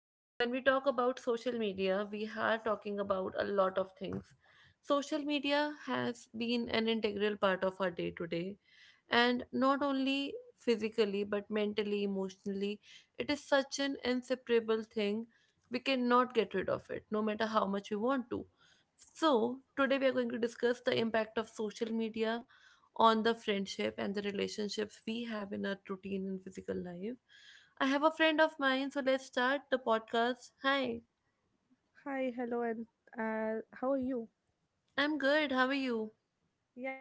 Now, when we talk about social media, we are talking about a lot of things. Social media has been an integral part of our day to day, and not only physically but mentally, emotionally, it is such an inseparable thing. We cannot get rid of it, no matter how much we want to. So, today we are going to discuss the impact of social media on the friendship and the relationships we have in our routine and physical life. I have a friend of mine, so let's start the podcast. Hi, Hi, hello, and how are you? I'm good. How are you?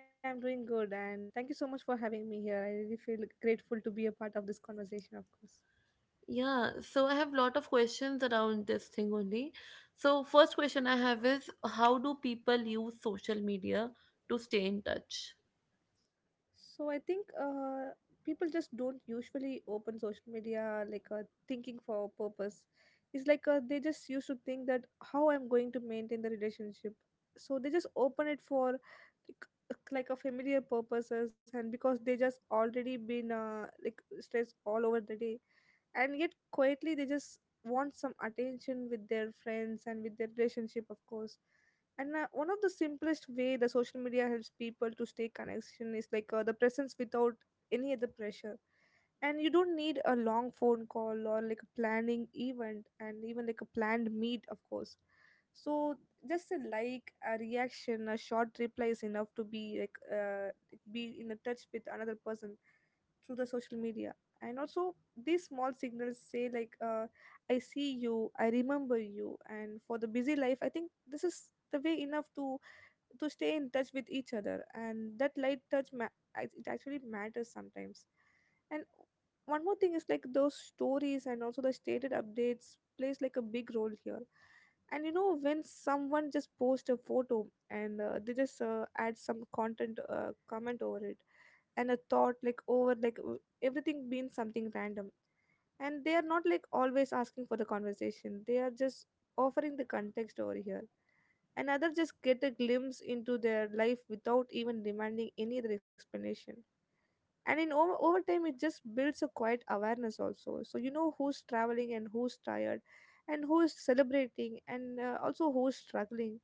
Yeah, I'm doing good, and thank you so much for having me here. I really feel grateful to be a part of this conversation, of course. Yeah, so I have lot of questions around this thing only. So, first question I have is how do people use social media to stay in touch? So I think people just don't usually open social media like thinking for a purpose. It's like they just used to think that how I'm going to maintain the relationship. So they just open it for like a familiar purposes, and because they just already been like stressed all over the day and yet quietly they just want some attention with their friends and with their relationship of course, and one of the simplest way the social media helps people to stay connection is like the presence without any other pressure, and you don't need a long phone call or like a planning event and even like a planned meet of course. So just a like a reaction a short reply is enough to be like be in a touch with another person through the social media. And also these small signals say like I see you, I remember you, and for the busy life I think this is the way enough to stay in touch with each other, and that light touch it actually matters sometimes. And one more thing is like those stories and also the stated updates plays like a big role here. And you know when someone just post a photo and they just add some content comment over it and a thought like over like everything means something random, and they are not like always asking for the conversation, they are just offering the context over here. And others just get a glimpse into their life without even demanding any other explanation. And in over time it just builds a quiet awareness also, so you know who's traveling and who's tired and who is celebrating and also who's struggling,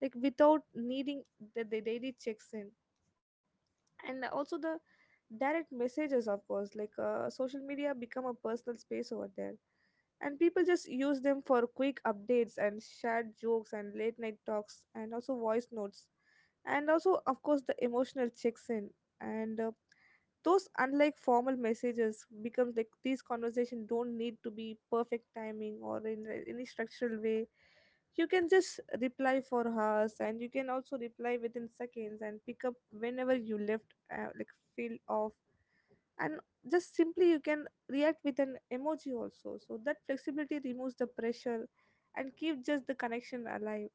like without needing the daily checks in. And also the direct messages of course, like social media become a personal space over there, and people just use them for quick updates and shared jokes and late night talks and also voice notes, and also of course the emotional checks in. And those unlike formal messages becomes like these conversations don't need to be perfect timing or in any structural way. You can just reply for hours and you can also reply within seconds and pick up whenever you left like feel off. And just simply you can react with an emoji also, so that flexibility removes the pressure and keep just the connection alive.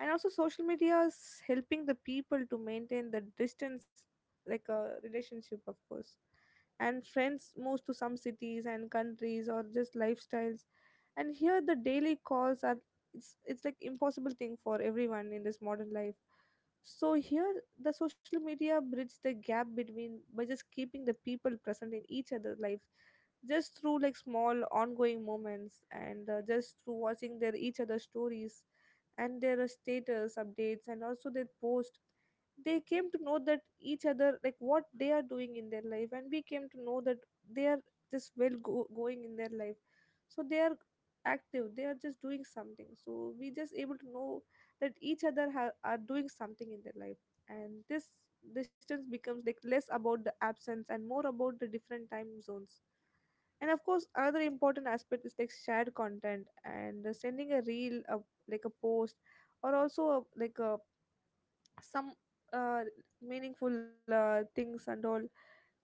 And also social media is helping the people to maintain the distance, like a relationship of course. And friends moves to some cities and countries or just lifestyles, and here the daily calls are it's like impossible thing for everyone in this modern life. So here the social media bridges the gap between by just keeping the people present in each other's life, just through like small ongoing moments and just through watching their each other's stories and their status updates and also their post. They came to know that each other like what they are doing in their life, and we came to know that they are just well going in their life. So they are active, they are just doing something, so we just able to know that each other are doing something in their life. And this distance becomes like less about the absence and more about the different time zones. And of course another important aspect is like shared content and sending a reel of like a post, or also a, like a some uh, meaningful things and all,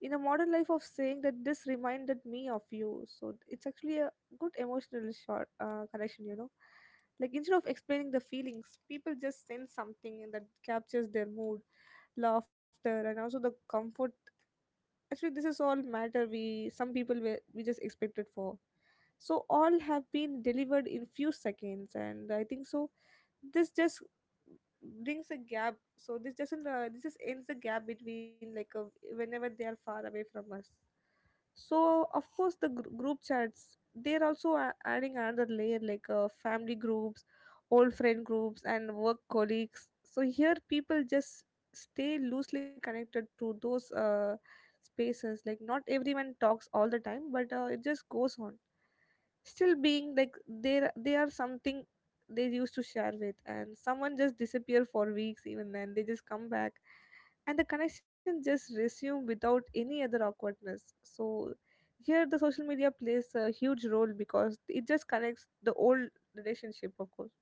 in a modern life of saying that this reminded me of you, so it's actually a good emotional short connection, you know, like instead of explaining the feelings people just send something that captures their mood, laughter and also the comfort. Actually this is all matter we some people were we just expected for, so all have been delivered in few seconds, and I think so this just brings a gap, so this doesn't this just ends the gap between like a, whenever they are far away from us. So of course the group chats they're also adding another layer, like family groups, old friend groups and work colleagues. So here people just stay loosely connected to those spaces, like not everyone talks all the time but it just goes on, still being like they are something they used to share with, and someone just disappear for weeks, even then they just come back and the connection just resume without any other awkwardness. So here the social media plays a huge role because it just connects the old relationship, of course.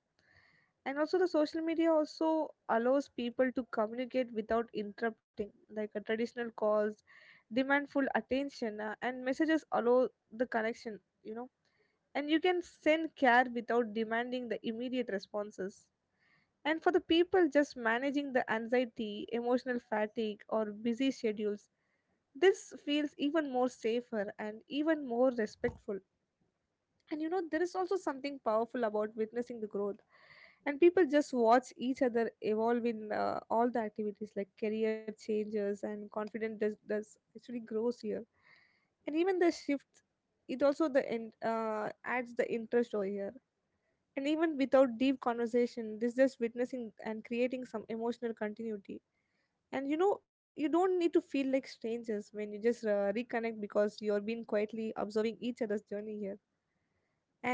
And also the social media also allows people to communicate without interrupting, like a traditional calls demand full attention, and messages allow the connection, you know, and you can send care without demanding the immediate responses. And for the people just managing the anxiety, emotional fatigue, or busy schedules, this feels even more safer and even more respectful. And you know, there is also something powerful about witnessing the growth. And people just watch each other evolve in all the activities like career changes, and confidence does actually grows here. And even the shift, it also the end adds the interest over here, and even without deep conversation, this just witnessing and creating some emotional continuity. And you know, you don't need to feel like strangers when you just reconnect because you're being quietly observing each other's journey here.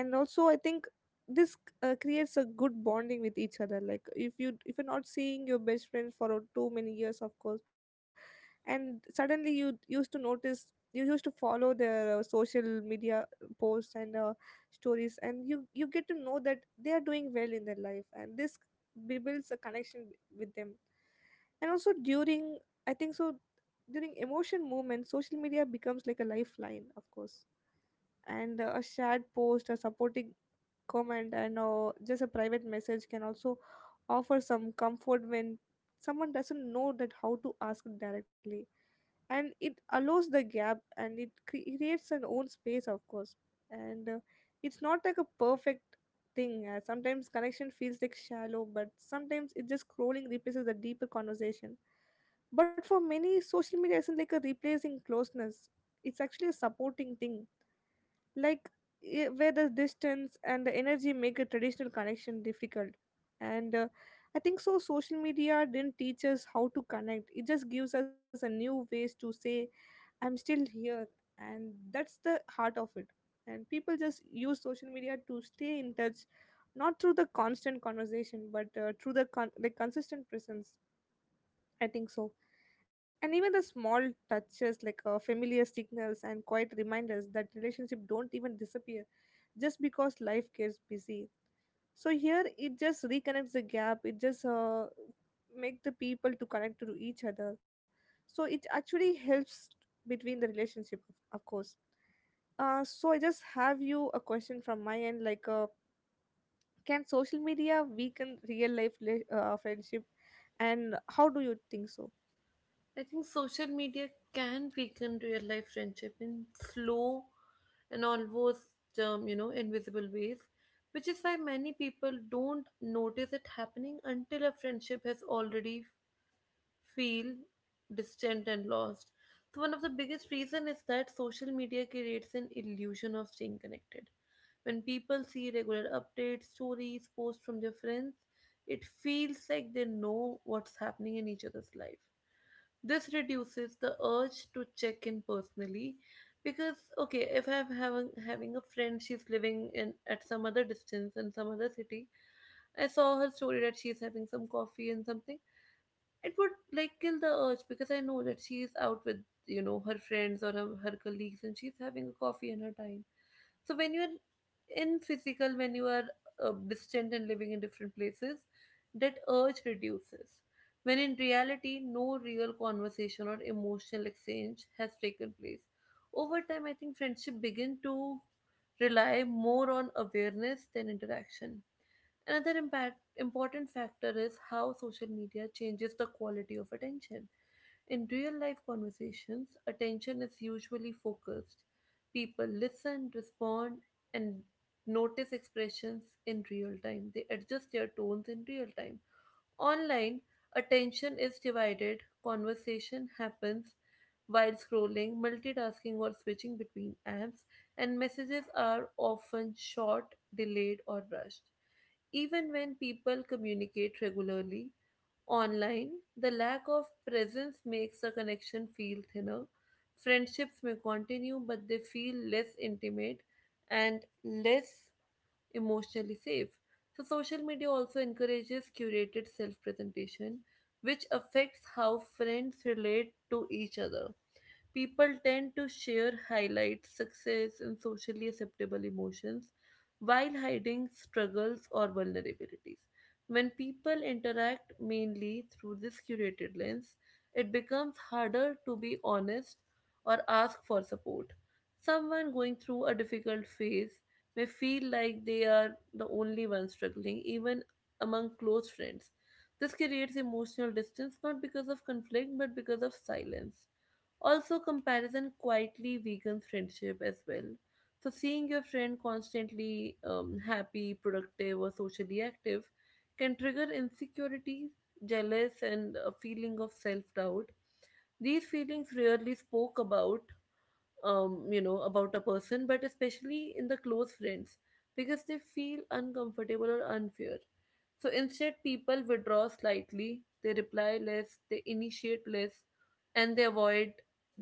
And also I think this creates a good bonding with each other, like if you're not seeing your best friends for too many years of course, and suddenly you used to notice, you used to follow their social media posts and stories, and you get to know that they are doing well in their life, and this builds a connection with them. And also during, I think so, during emotion movement social media becomes like a lifeline of course. And a shared post, a supporting comment, and just a private message can also offer some comfort when someone doesn't know that how to ask directly, and it allows the gap and it creates an own space of course. And it's not like a perfect thing, sometimes connection feels like shallow, but sometimes it just scrolling replaces the deeper conversation. But for many social media isn't like a replacing closeness, it's actually a supporting thing, like where the distance and the energy make a traditional connection difficult. And I think so social media didn't teach us how to connect, it just gives us a new ways to say I'm still here, and that's the heart of it. And people just use social media to stay in touch, not through the constant conversation but through the like consistent presence, I think so. And even the small touches like familiar signals and quiet reminders that relationship don't even disappear just because life gets busy. So here it just reconnects the gap. It just make the people to connect to each other. So it actually helps between the relationship, of course. So I just have you a question from my end, like, can social media weaken real life friendship, and how do you think so? I think social media can weaken real life friendship in slow and almost, invisible ways, which is why many people don't notice it happening until a friendship has already feel distant and lost. So one of the biggest reason is that social media creates an illusion of staying connected. When people see regular updates, stories, posts from their friends, it feels like they know what's happening in each other's life. This reduces the urge to check in personally because okay, if I'm having a friend, she's living in at some other distance in some other city. I saw her story that she's having some coffee and something. It would like kill the urge because I know that she's out with her friends or her colleagues and she's having a coffee in her time. So when you're in physical, when you are distant and living in different places, that urge reduces. When in reality, no real conversation or emotional exchange has taken place. Over time, I think friendship begin to rely more on awareness than interaction. Another impact, important factor is how social media changes the quality of attention. In real life conversations, attention is usually focused. People listen, respond, and notice expressions in real time. They adjust their tones in real time. Online, attention is divided, conversation happens while scrolling, multitasking, or switching between apps, and messages are often short, delayed, or rushed. Even when people communicate regularly online, the lack of presence makes the connection feel thinner. Friendships may continue, but they feel less intimate and less emotionally safe. So, social media also encourages curated self presentation, which affects how friends relate to each other. People tend to share highlights, success, and socially acceptable emotions while hiding struggles or vulnerabilities. When people interact mainly through this curated lens, it becomes harder to be honest or ask for support. Someone going through a difficult phase may feel like they are the only one struggling, even among close friends. This creates emotional distance not because of conflict but because of silence. Also, comparison quietly weakens friendship as well. So, seeing your friend constantly happy, productive, or socially active can trigger insecurity, jealous, and a feeling of self doubt. These feelings rarely spoke about about a person, but especially in the close friends, because they feel uncomfortable or unfair. So instead, people withdraw slightly, they reply less, they initiate less, and they avoid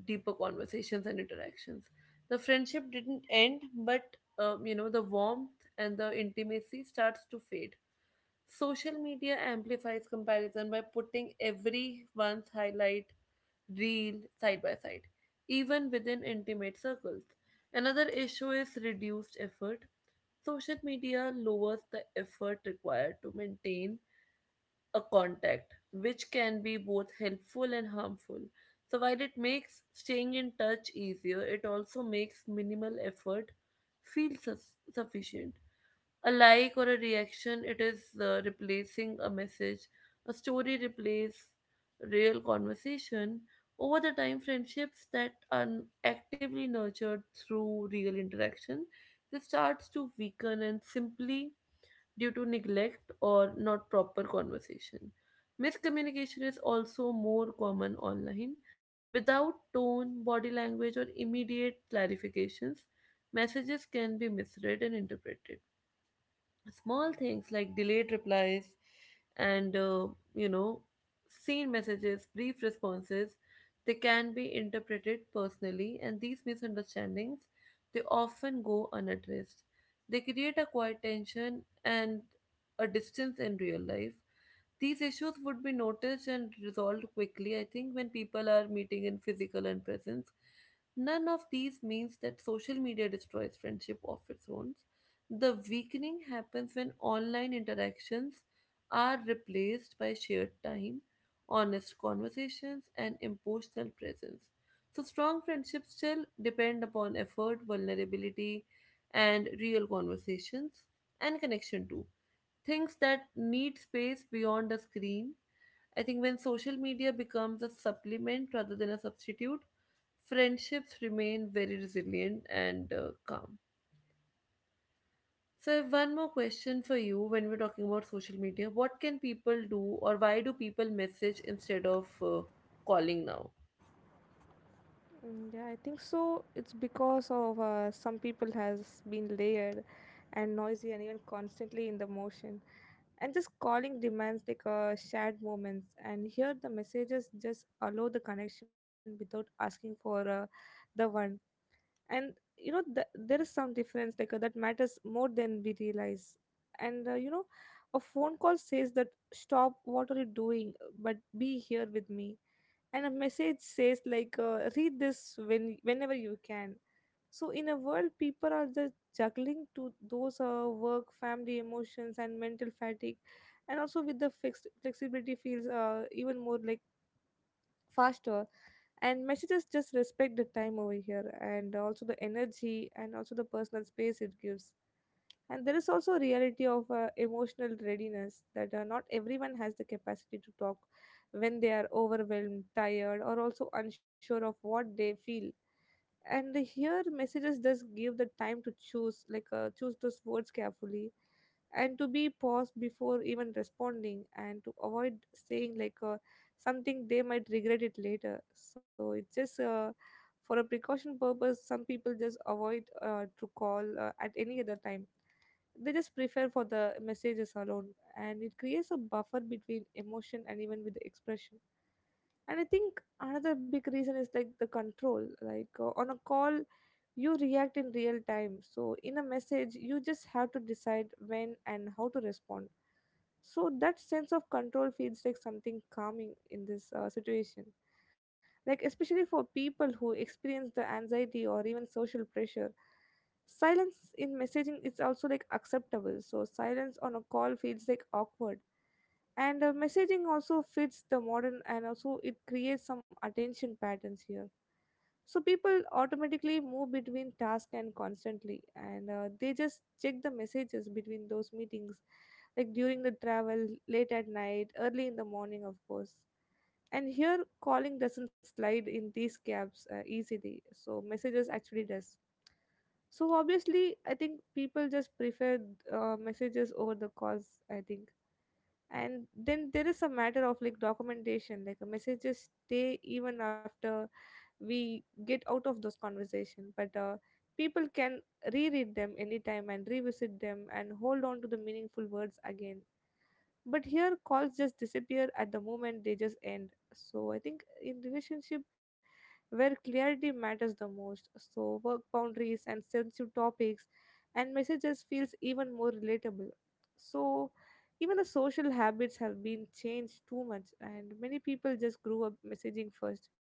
deeper conversations and interactions. The friendship didn't end, but the warmth and the intimacy starts to fade. Social media amplifies comparison by putting everyone's highlight reel side by side, even within intimate circles. Another issue is reduced effort. Social media lowers the effort required to maintain a contact, which can be both helpful and harmful. So, while it makes staying in touch easier, it also makes minimal effort feel sufficient. A like or a reaction, it is replacing a message. A story replace real conversation. Over the time, friendships that are actively nurtured through real interaction, they starts to weaken and simply due to neglect or not proper conversation. Miscommunication is also more common online. Without tone, body language, or immediate clarifications, messages can be misread and interpreted. Small things like delayed replies and you know seen messages, brief responses, they can be interpreted personally, and these misunderstandings, they often go unaddressed. They create a quiet tension and a distance in real life. These issues would be noticed and resolved quickly, I think, when people are meeting in physical and presence. None of these means that social media destroys friendship of its own. The weakening happens when online interactions are replaced by shared time, honest conversations, and emotional presence. So, strong friendships still depend upon effort, vulnerability, and real conversations and connection too, things that need space beyond the screen. I think when social media becomes a supplement rather than a substitute, friendships remain very resilient and calm. So, I have one more question for you when we're talking about social media. What can people do, or why do people message instead of calling now? Mm, yeah, I think so. It's because of some people has been layered and noisy and even constantly in the motion. And just calling demands like shared moments. And here the messages just allow the connection without asking for the one. And you know there is some difference like that matters more than we realize. And you know, a phone call says that stop. What are you doing? But be here with me, and a message says, read this when whenever you can. So in a world people are just juggling to those work, family, emotions and mental fatigue, and also with the fixed flexibility feels even more like faster. And messages just respect the time over here, and also the energy and also the personal space it gives. And there is also a reality of emotional readiness, that not everyone has the capacity to talk when they are overwhelmed, tired or also unsure of what they feel. And here messages does give the time to choose, choose those words carefully and to be paused before even responding, and to avoid saying something they might regret it later. So it's just for a precaution purpose, some people just avoid to call at any other time. They just prefer for the messages alone, and it creates a buffer between emotion and even with the expression. And I think another big reason is like the control, on a call you react in real time, so in a message you just have to decide when and how to respond. So that sense of control feels like something calming in this situation. Like, especially for people who experience the anxiety or even social pressure, silence in messaging is also like acceptable. So, silence on a call feels like awkward. And messaging also fits the modern, and also it creates some attention patterns here. So people automatically move between tasks and constantly, and they just check the messages between those meetings, like during the travel, late at night, early in the morning, of course. And here calling doesn't slide in these gaps easily, so messages actually does. So obviously I think people just prefer messages over the calls, I think. And then there is a matter of like documentation, like a messages stay even after we get out of those conversation, but people can reread them anytime and revisit them and hold on to the meaningful words again. But here calls just disappear at the moment they just end. So I think in relationship where clarity matters the most, so work boundaries and sensitive topics, and messages feels even more relatable. So even the social habits have been changed too much, and many people just grew up messaging first,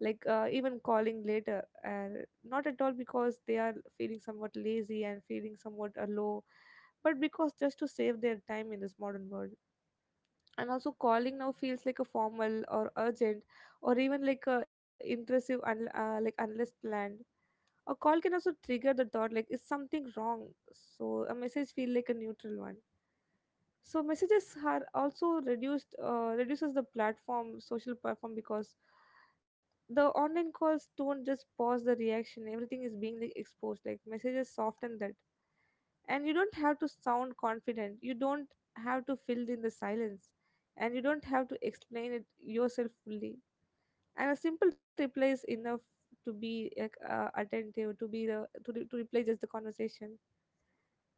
even calling later, not at all, because they are feeling somewhat lazy and feeling somewhat low, but because just to save their time in this modern world. And also calling now feels like a formal or urgent, or even like a like unless planned, a call can also trigger the thought like is something wrong. So a message feel like a neutral one. So messages are also reduced, reduces the platform, social platform, because the online calls don't just pause the reaction, everything is being like exposed, like messages soften that. And you don't have to sound confident, you don't have to fill in the silence, and you don't have to explain it yourself fully, and a simple reply is enough to be like, attentive, to be the to reply just the conversation.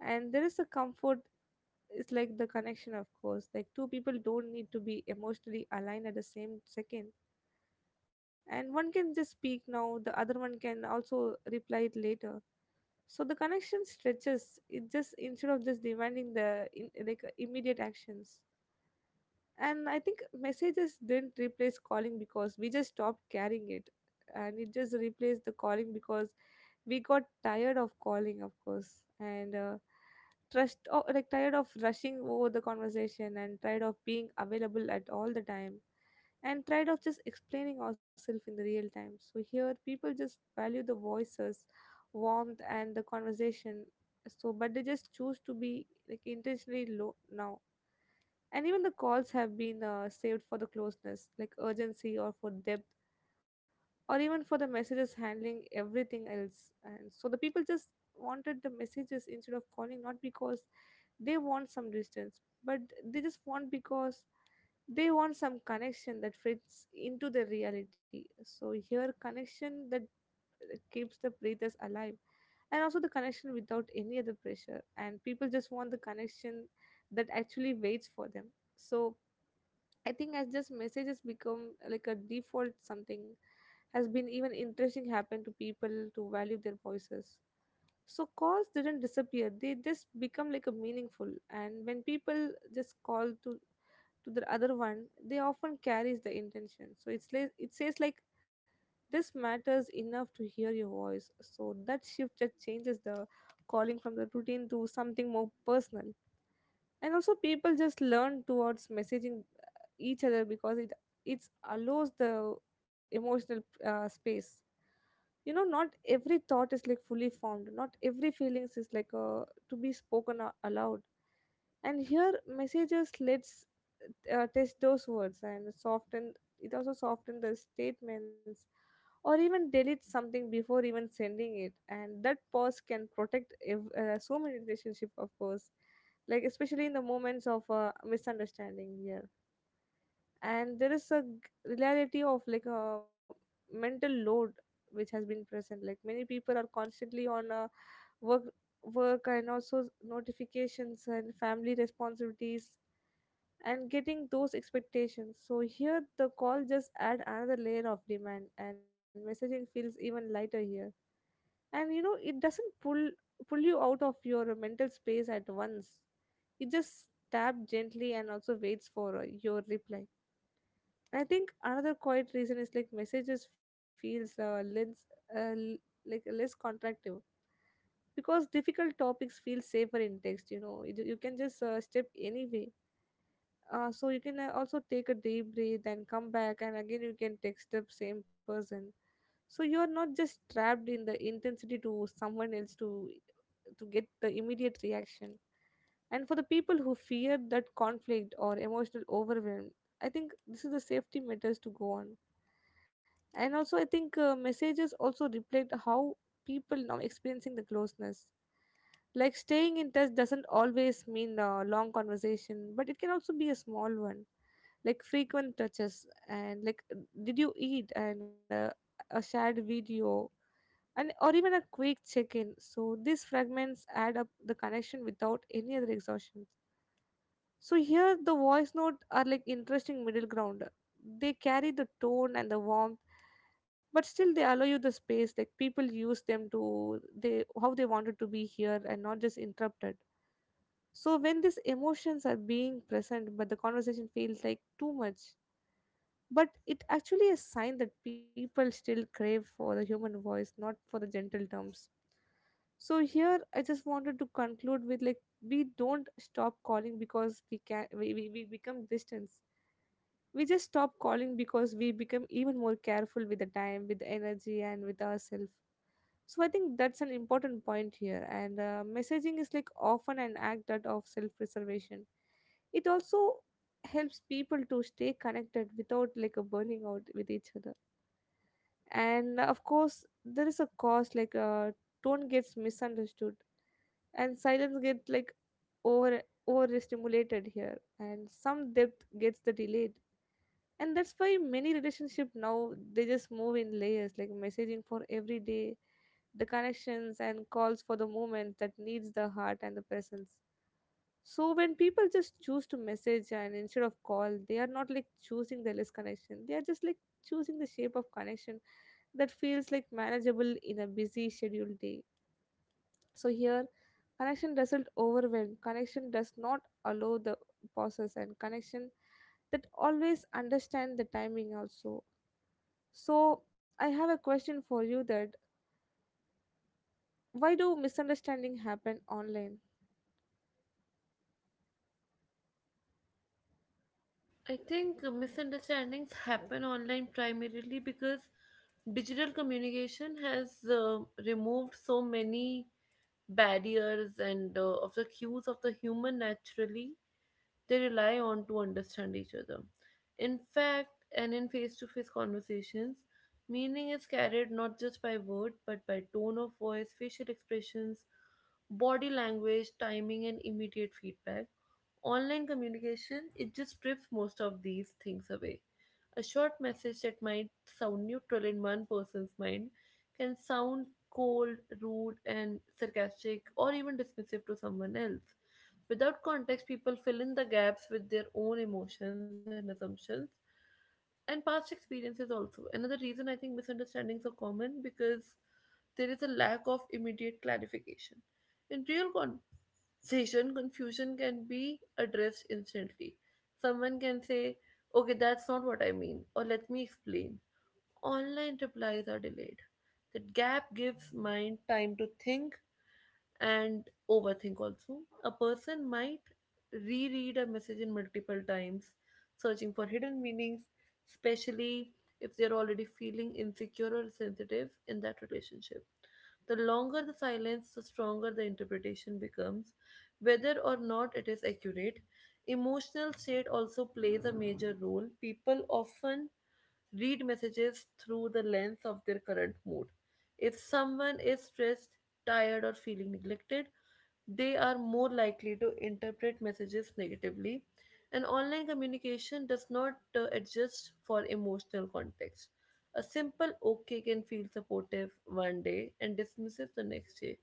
And there is a comfort, it's like the connection, of course, like two people don't need to be emotionally aligned at the same second, and one can just speak now, the other one can also reply it later. So the connection stretches it, just instead of just demanding the in, like immediate actions. And I think messages didn't replace calling because we just stopped carrying it, and it just replaced the calling because we got tired of calling, of course, and like tired of rushing over the conversation and tired of being available at all the time and tired of just explaining ourselves in the real time. So here people just value the voices, warmth and the conversation. So but they just choose to be like intentionally low now, and even the calls have been saved for the closeness, like urgency or for depth, or even for the messages handling everything else. And so the people just wanted the messages instead of calling, not because they want some distance, but they just want, because they want some connection that fits into the reality. So here connection that keeps the breathers alive, and also the connection without any other pressure. And people just want the connection that actually waits for them. So I think as this message has become like a default, something has been even interesting happen to people, to value their voices. So calls didn't disappear. They just become like a meaningful, and when people just call to the other one, they often carries the intention. So it's like it says like this matters enough to hear your voice. So that shift just changes the calling from the routine to something more personal. And also people just learn towards messaging each other, because it allows the emotional space. You know, not every thought is like fully formed, not every feelings is to be spoken aloud. And here messages lets test those words and soften, it also soften the statements, or even delete something before even sending it. And that pause can protect so many relationship, of course, like especially in the moments of misunderstanding here. And there is a reality of like a mental load which has been present, like many people are constantly on work, and also notifications and family responsibilities and getting those expectations. So here the call just add another layer of demand, and messaging feels even lighter here. And you know it doesn't pull you out of your mental space at once, it just tap gently and also waits for your reply. I think another quiet reason is like messages feels less, uh, l- like less contractive, because difficult topics feel safer in text. You know, you can just step anyway. So you can also take a deep breath and come back, and again you can text the same person. So you're not just trapped in the intensity to someone else to get the immediate reaction. And for the people who fear that conflict or emotional overwhelm, I think this is the safety matters to go on. And also I think messages also reflect how people now experiencing the closeness, like staying in touch doesn't always mean a long conversation, but it can also be a small one, like frequent touches and did you eat, and a shared video, and or even a quick check-in. So these fragments add up the connection without any other exhaustion. So here the voice note are like interesting middle ground. They carry the tone and the warmth, but still they allow you the space. Like people use them to they how they wanted to be here and not just interrupted. So when these emotions are being present, but the conversation feels like too much, but it actually a sign that people still crave for the human voice, not for the gentle terms. So here I just wanted to conclude with like, we don't stop calling because we can, we become distance, we just stop calling because we become even more careful with the time, with the energy and with ourselves. So I think that's an important point here. And messaging is like often an act that of self preservation, it also helps people to stay connected without like a burning out with each other. And of course there is a cost, tone gets misunderstood, and silence gets like over, overstimulated here, and some depth gets the delayed. And that's why many relationship now they just move in layers, like messaging for every day the connections, and calls for the moment that needs the heart and the presence. So when people just choose to message and instead of call, they are not like choosing the less connection, they are just like choosing the shape of connection that feels like manageable in a busy scheduled day. So here connection doesn't overwhelm, connection does not allow the pauses, and connection that always understand the timing also. So, I have a question for you, that why do misunderstanding happen online? I think misunderstandings happen online primarily because digital communication has removed so many barriers and of the cues of the human naturally they rely on to understand each other. In fact, and in face to face conversations, meaning is carried not just by word but by tone of voice, facial expressions, body language, timing, and immediate feedback. Online communication, it just strips most of these things away. A short message that might sound neutral in one person's mind can sound cold, rude, and sarcastic or even dismissive to someone else. Without context, people fill in the gaps with their own emotions and assumptions and past experiences. Also, another reason, I think, misunderstandings are common because there is a lack of immediate clarification. In real conversation, confusion can be addressed instantly. Someone can say, okay, that's not what I mean, or let me explain. Online replies are delayed. That gap gives mind time to think and overthink also. A person might reread a message in multiple times, searching for hidden meanings, especially if they're already feeling insecure or sensitive in that relationship. The longer the silence, the stronger the interpretation becomes, whether or not it is accurate. Emotional state also plays a major role. People often read messages through the lens of their current mood. If someone is stressed, tired, or feeling neglected, they are more likely to interpret messages negatively. And online communication does not adjust for emotional context. A simple okay can feel supportive one day and dismissive the next day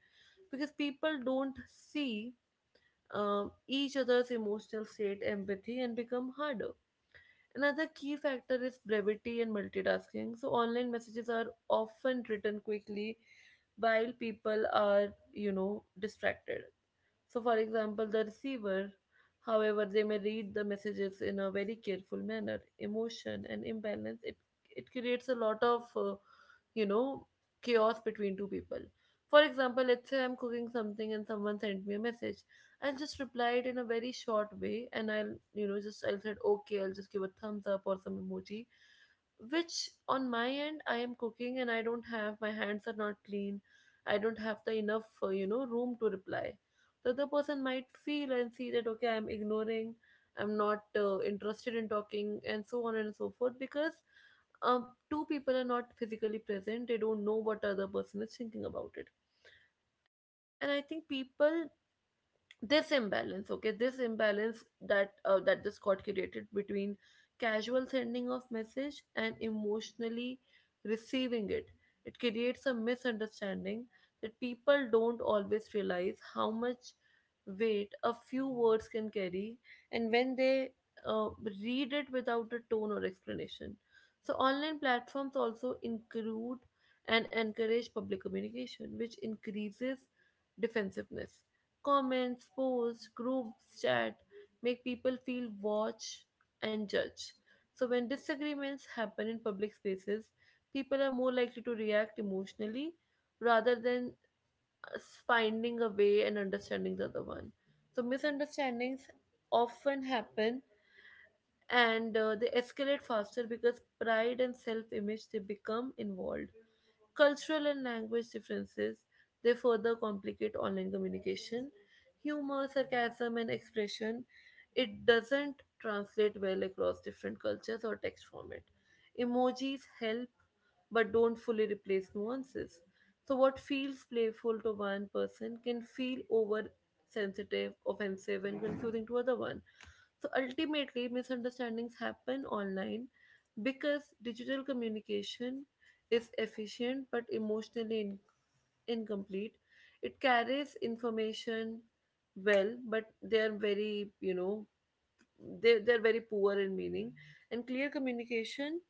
because people don't see each other's emotional state, empathy, and become harder. Another key factor is brevity and multitasking. So online messages are often written quickly while people are, distracted. So, for example, the receiver, however, they may read the messages in a very careful manner. Emotion and imbalance, it creates a lot of, you know, chaos between two people. For example, let's say I'm cooking something and someone sent me a message. I'll just reply it in a very short way and I'll, just I'll say, okay, I'll just give a thumbs up or some emoji, which on my end, I am cooking and I don't have, my hands are not clean. I don't have the enough room to reply. The other person might feel and see that okay, I'm ignoring, I'm not interested in talking and so on and so forth because two people are not physically present, they don't know what the other person is thinking about it. And I think people, this imbalance, okay, this imbalance that this got created between casual sending of message and emotionally receiving it creates a misunderstanding that people don't always realize how much weight a few words can carry and when they uh, read it without a tone or explanation. So online platforms also include and encourage public communication which increases defensiveness. Comments, posts, groups, chat make people feel watched and judged. So, when disagreements happen in public spaces, people are more likely to react emotionally rather than uh, finding a way and understanding the other one. So, misunderstandings often happen and they escalate faster because pride and self image they become involved. Cultural and language differences they further complicate online communication. Humor, sarcasm, and expression it doesn't translate well across different cultures or text format. Emojis help but don't fully replace nuances. So, what feels playful to one person can feel oversensitive, offensive, and confusing to other one. So ultimately, misunderstandings happen online because digital communication is efficient but emotionally incomplete. It carries information well, but they are very, they're very poor in meaning. And clear communication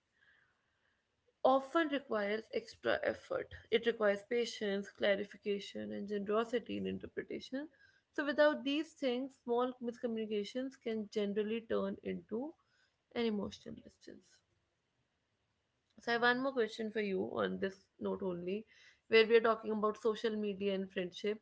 often requires extra effort. It requires patience, clarification, and generosity in interpretation. So, without these things, small miscommunications can generally turn into and emotional distance. So, I have one more question for you on this note only, where we are talking about social media and friendship.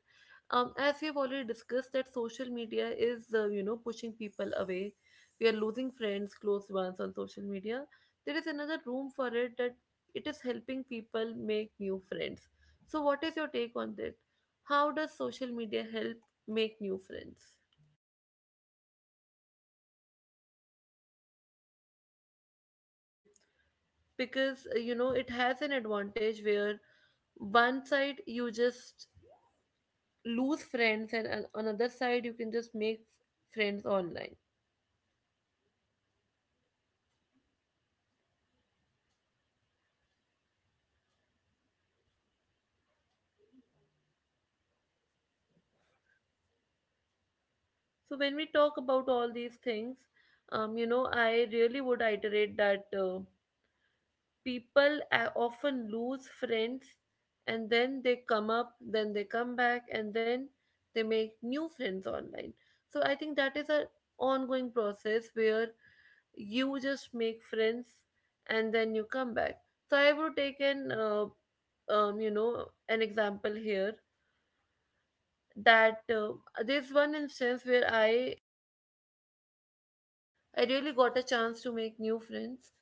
As we have already discussed, that social media is, pushing people away. We are losing friends, close ones on social media. There is another room for it that it is helping people make new friends. So, what is your take on that? How does social media help make new friends? Because, it has an advantage where one side you just lose friends and on another side you can just make friends online. So when we talk about all these things, I really would iterate that people often lose friends, and then they come back and then they make new friends online. So I think that is a ongoing process where you just make friends and then you come back. So I would take an you know an example here, that there's one instance where I really got a chance to make new friends,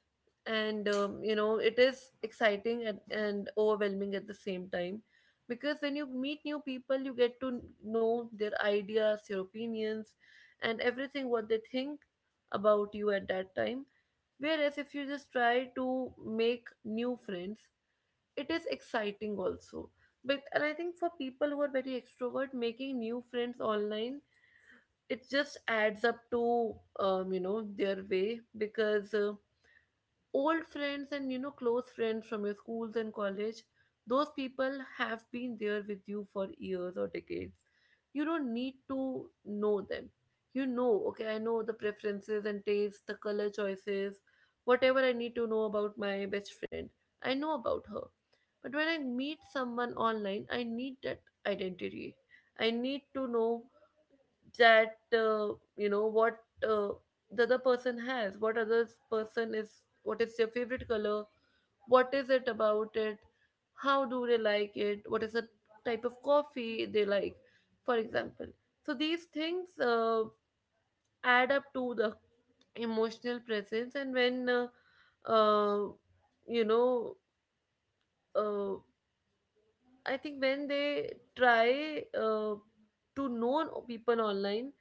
and it is exciting and overwhelming at the same time, because when you meet new people you get to know their ideas, their opinions, and everything what they think about you at that time. Whereas if you just try to make new friends, it is exciting also. But and I think for people who are very extrovert, making new friends online, it just adds up to their way. Because old friends and you know close friends from your schools and college, those people have been there with you for years or decades. You don't need to know them, you know. Okay, I know the preferences and tastes, the color choices, whatever I need to know about my best friend, I know about her. But when I meet someone online, I need that identity. I need to know that what uh, the other person has, what other person is, what is their favorite color, what is it about it, how do they like it, what is the type of coffee they like, for example. So these things add up to the emotional presence. And when uh, you know uh, I think when they try to know people online,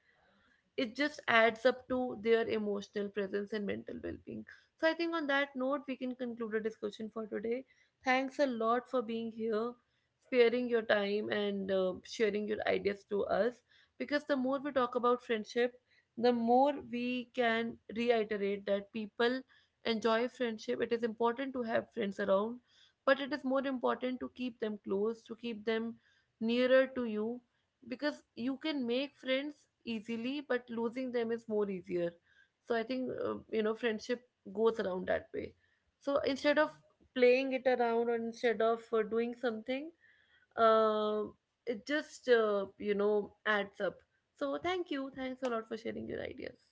it just adds up to their emotional presence and mental well-being. So I think on that note we can conclude our discussion for today. Thanks a lot for being here, sparing your time and sharing your ideas to us, because the more we talk about friendship, the more we can reiterate that people enjoy friendship. It is important to have friends around, but it is more important to keep them close, to keep them nearer to you, because you can make friends easily, but losing them is more easier. So I think friendship goes around that way. So instead of playing it around or instead of doing something, uh, it just adds up. So thank you, thanks a lot for sharing your ideas.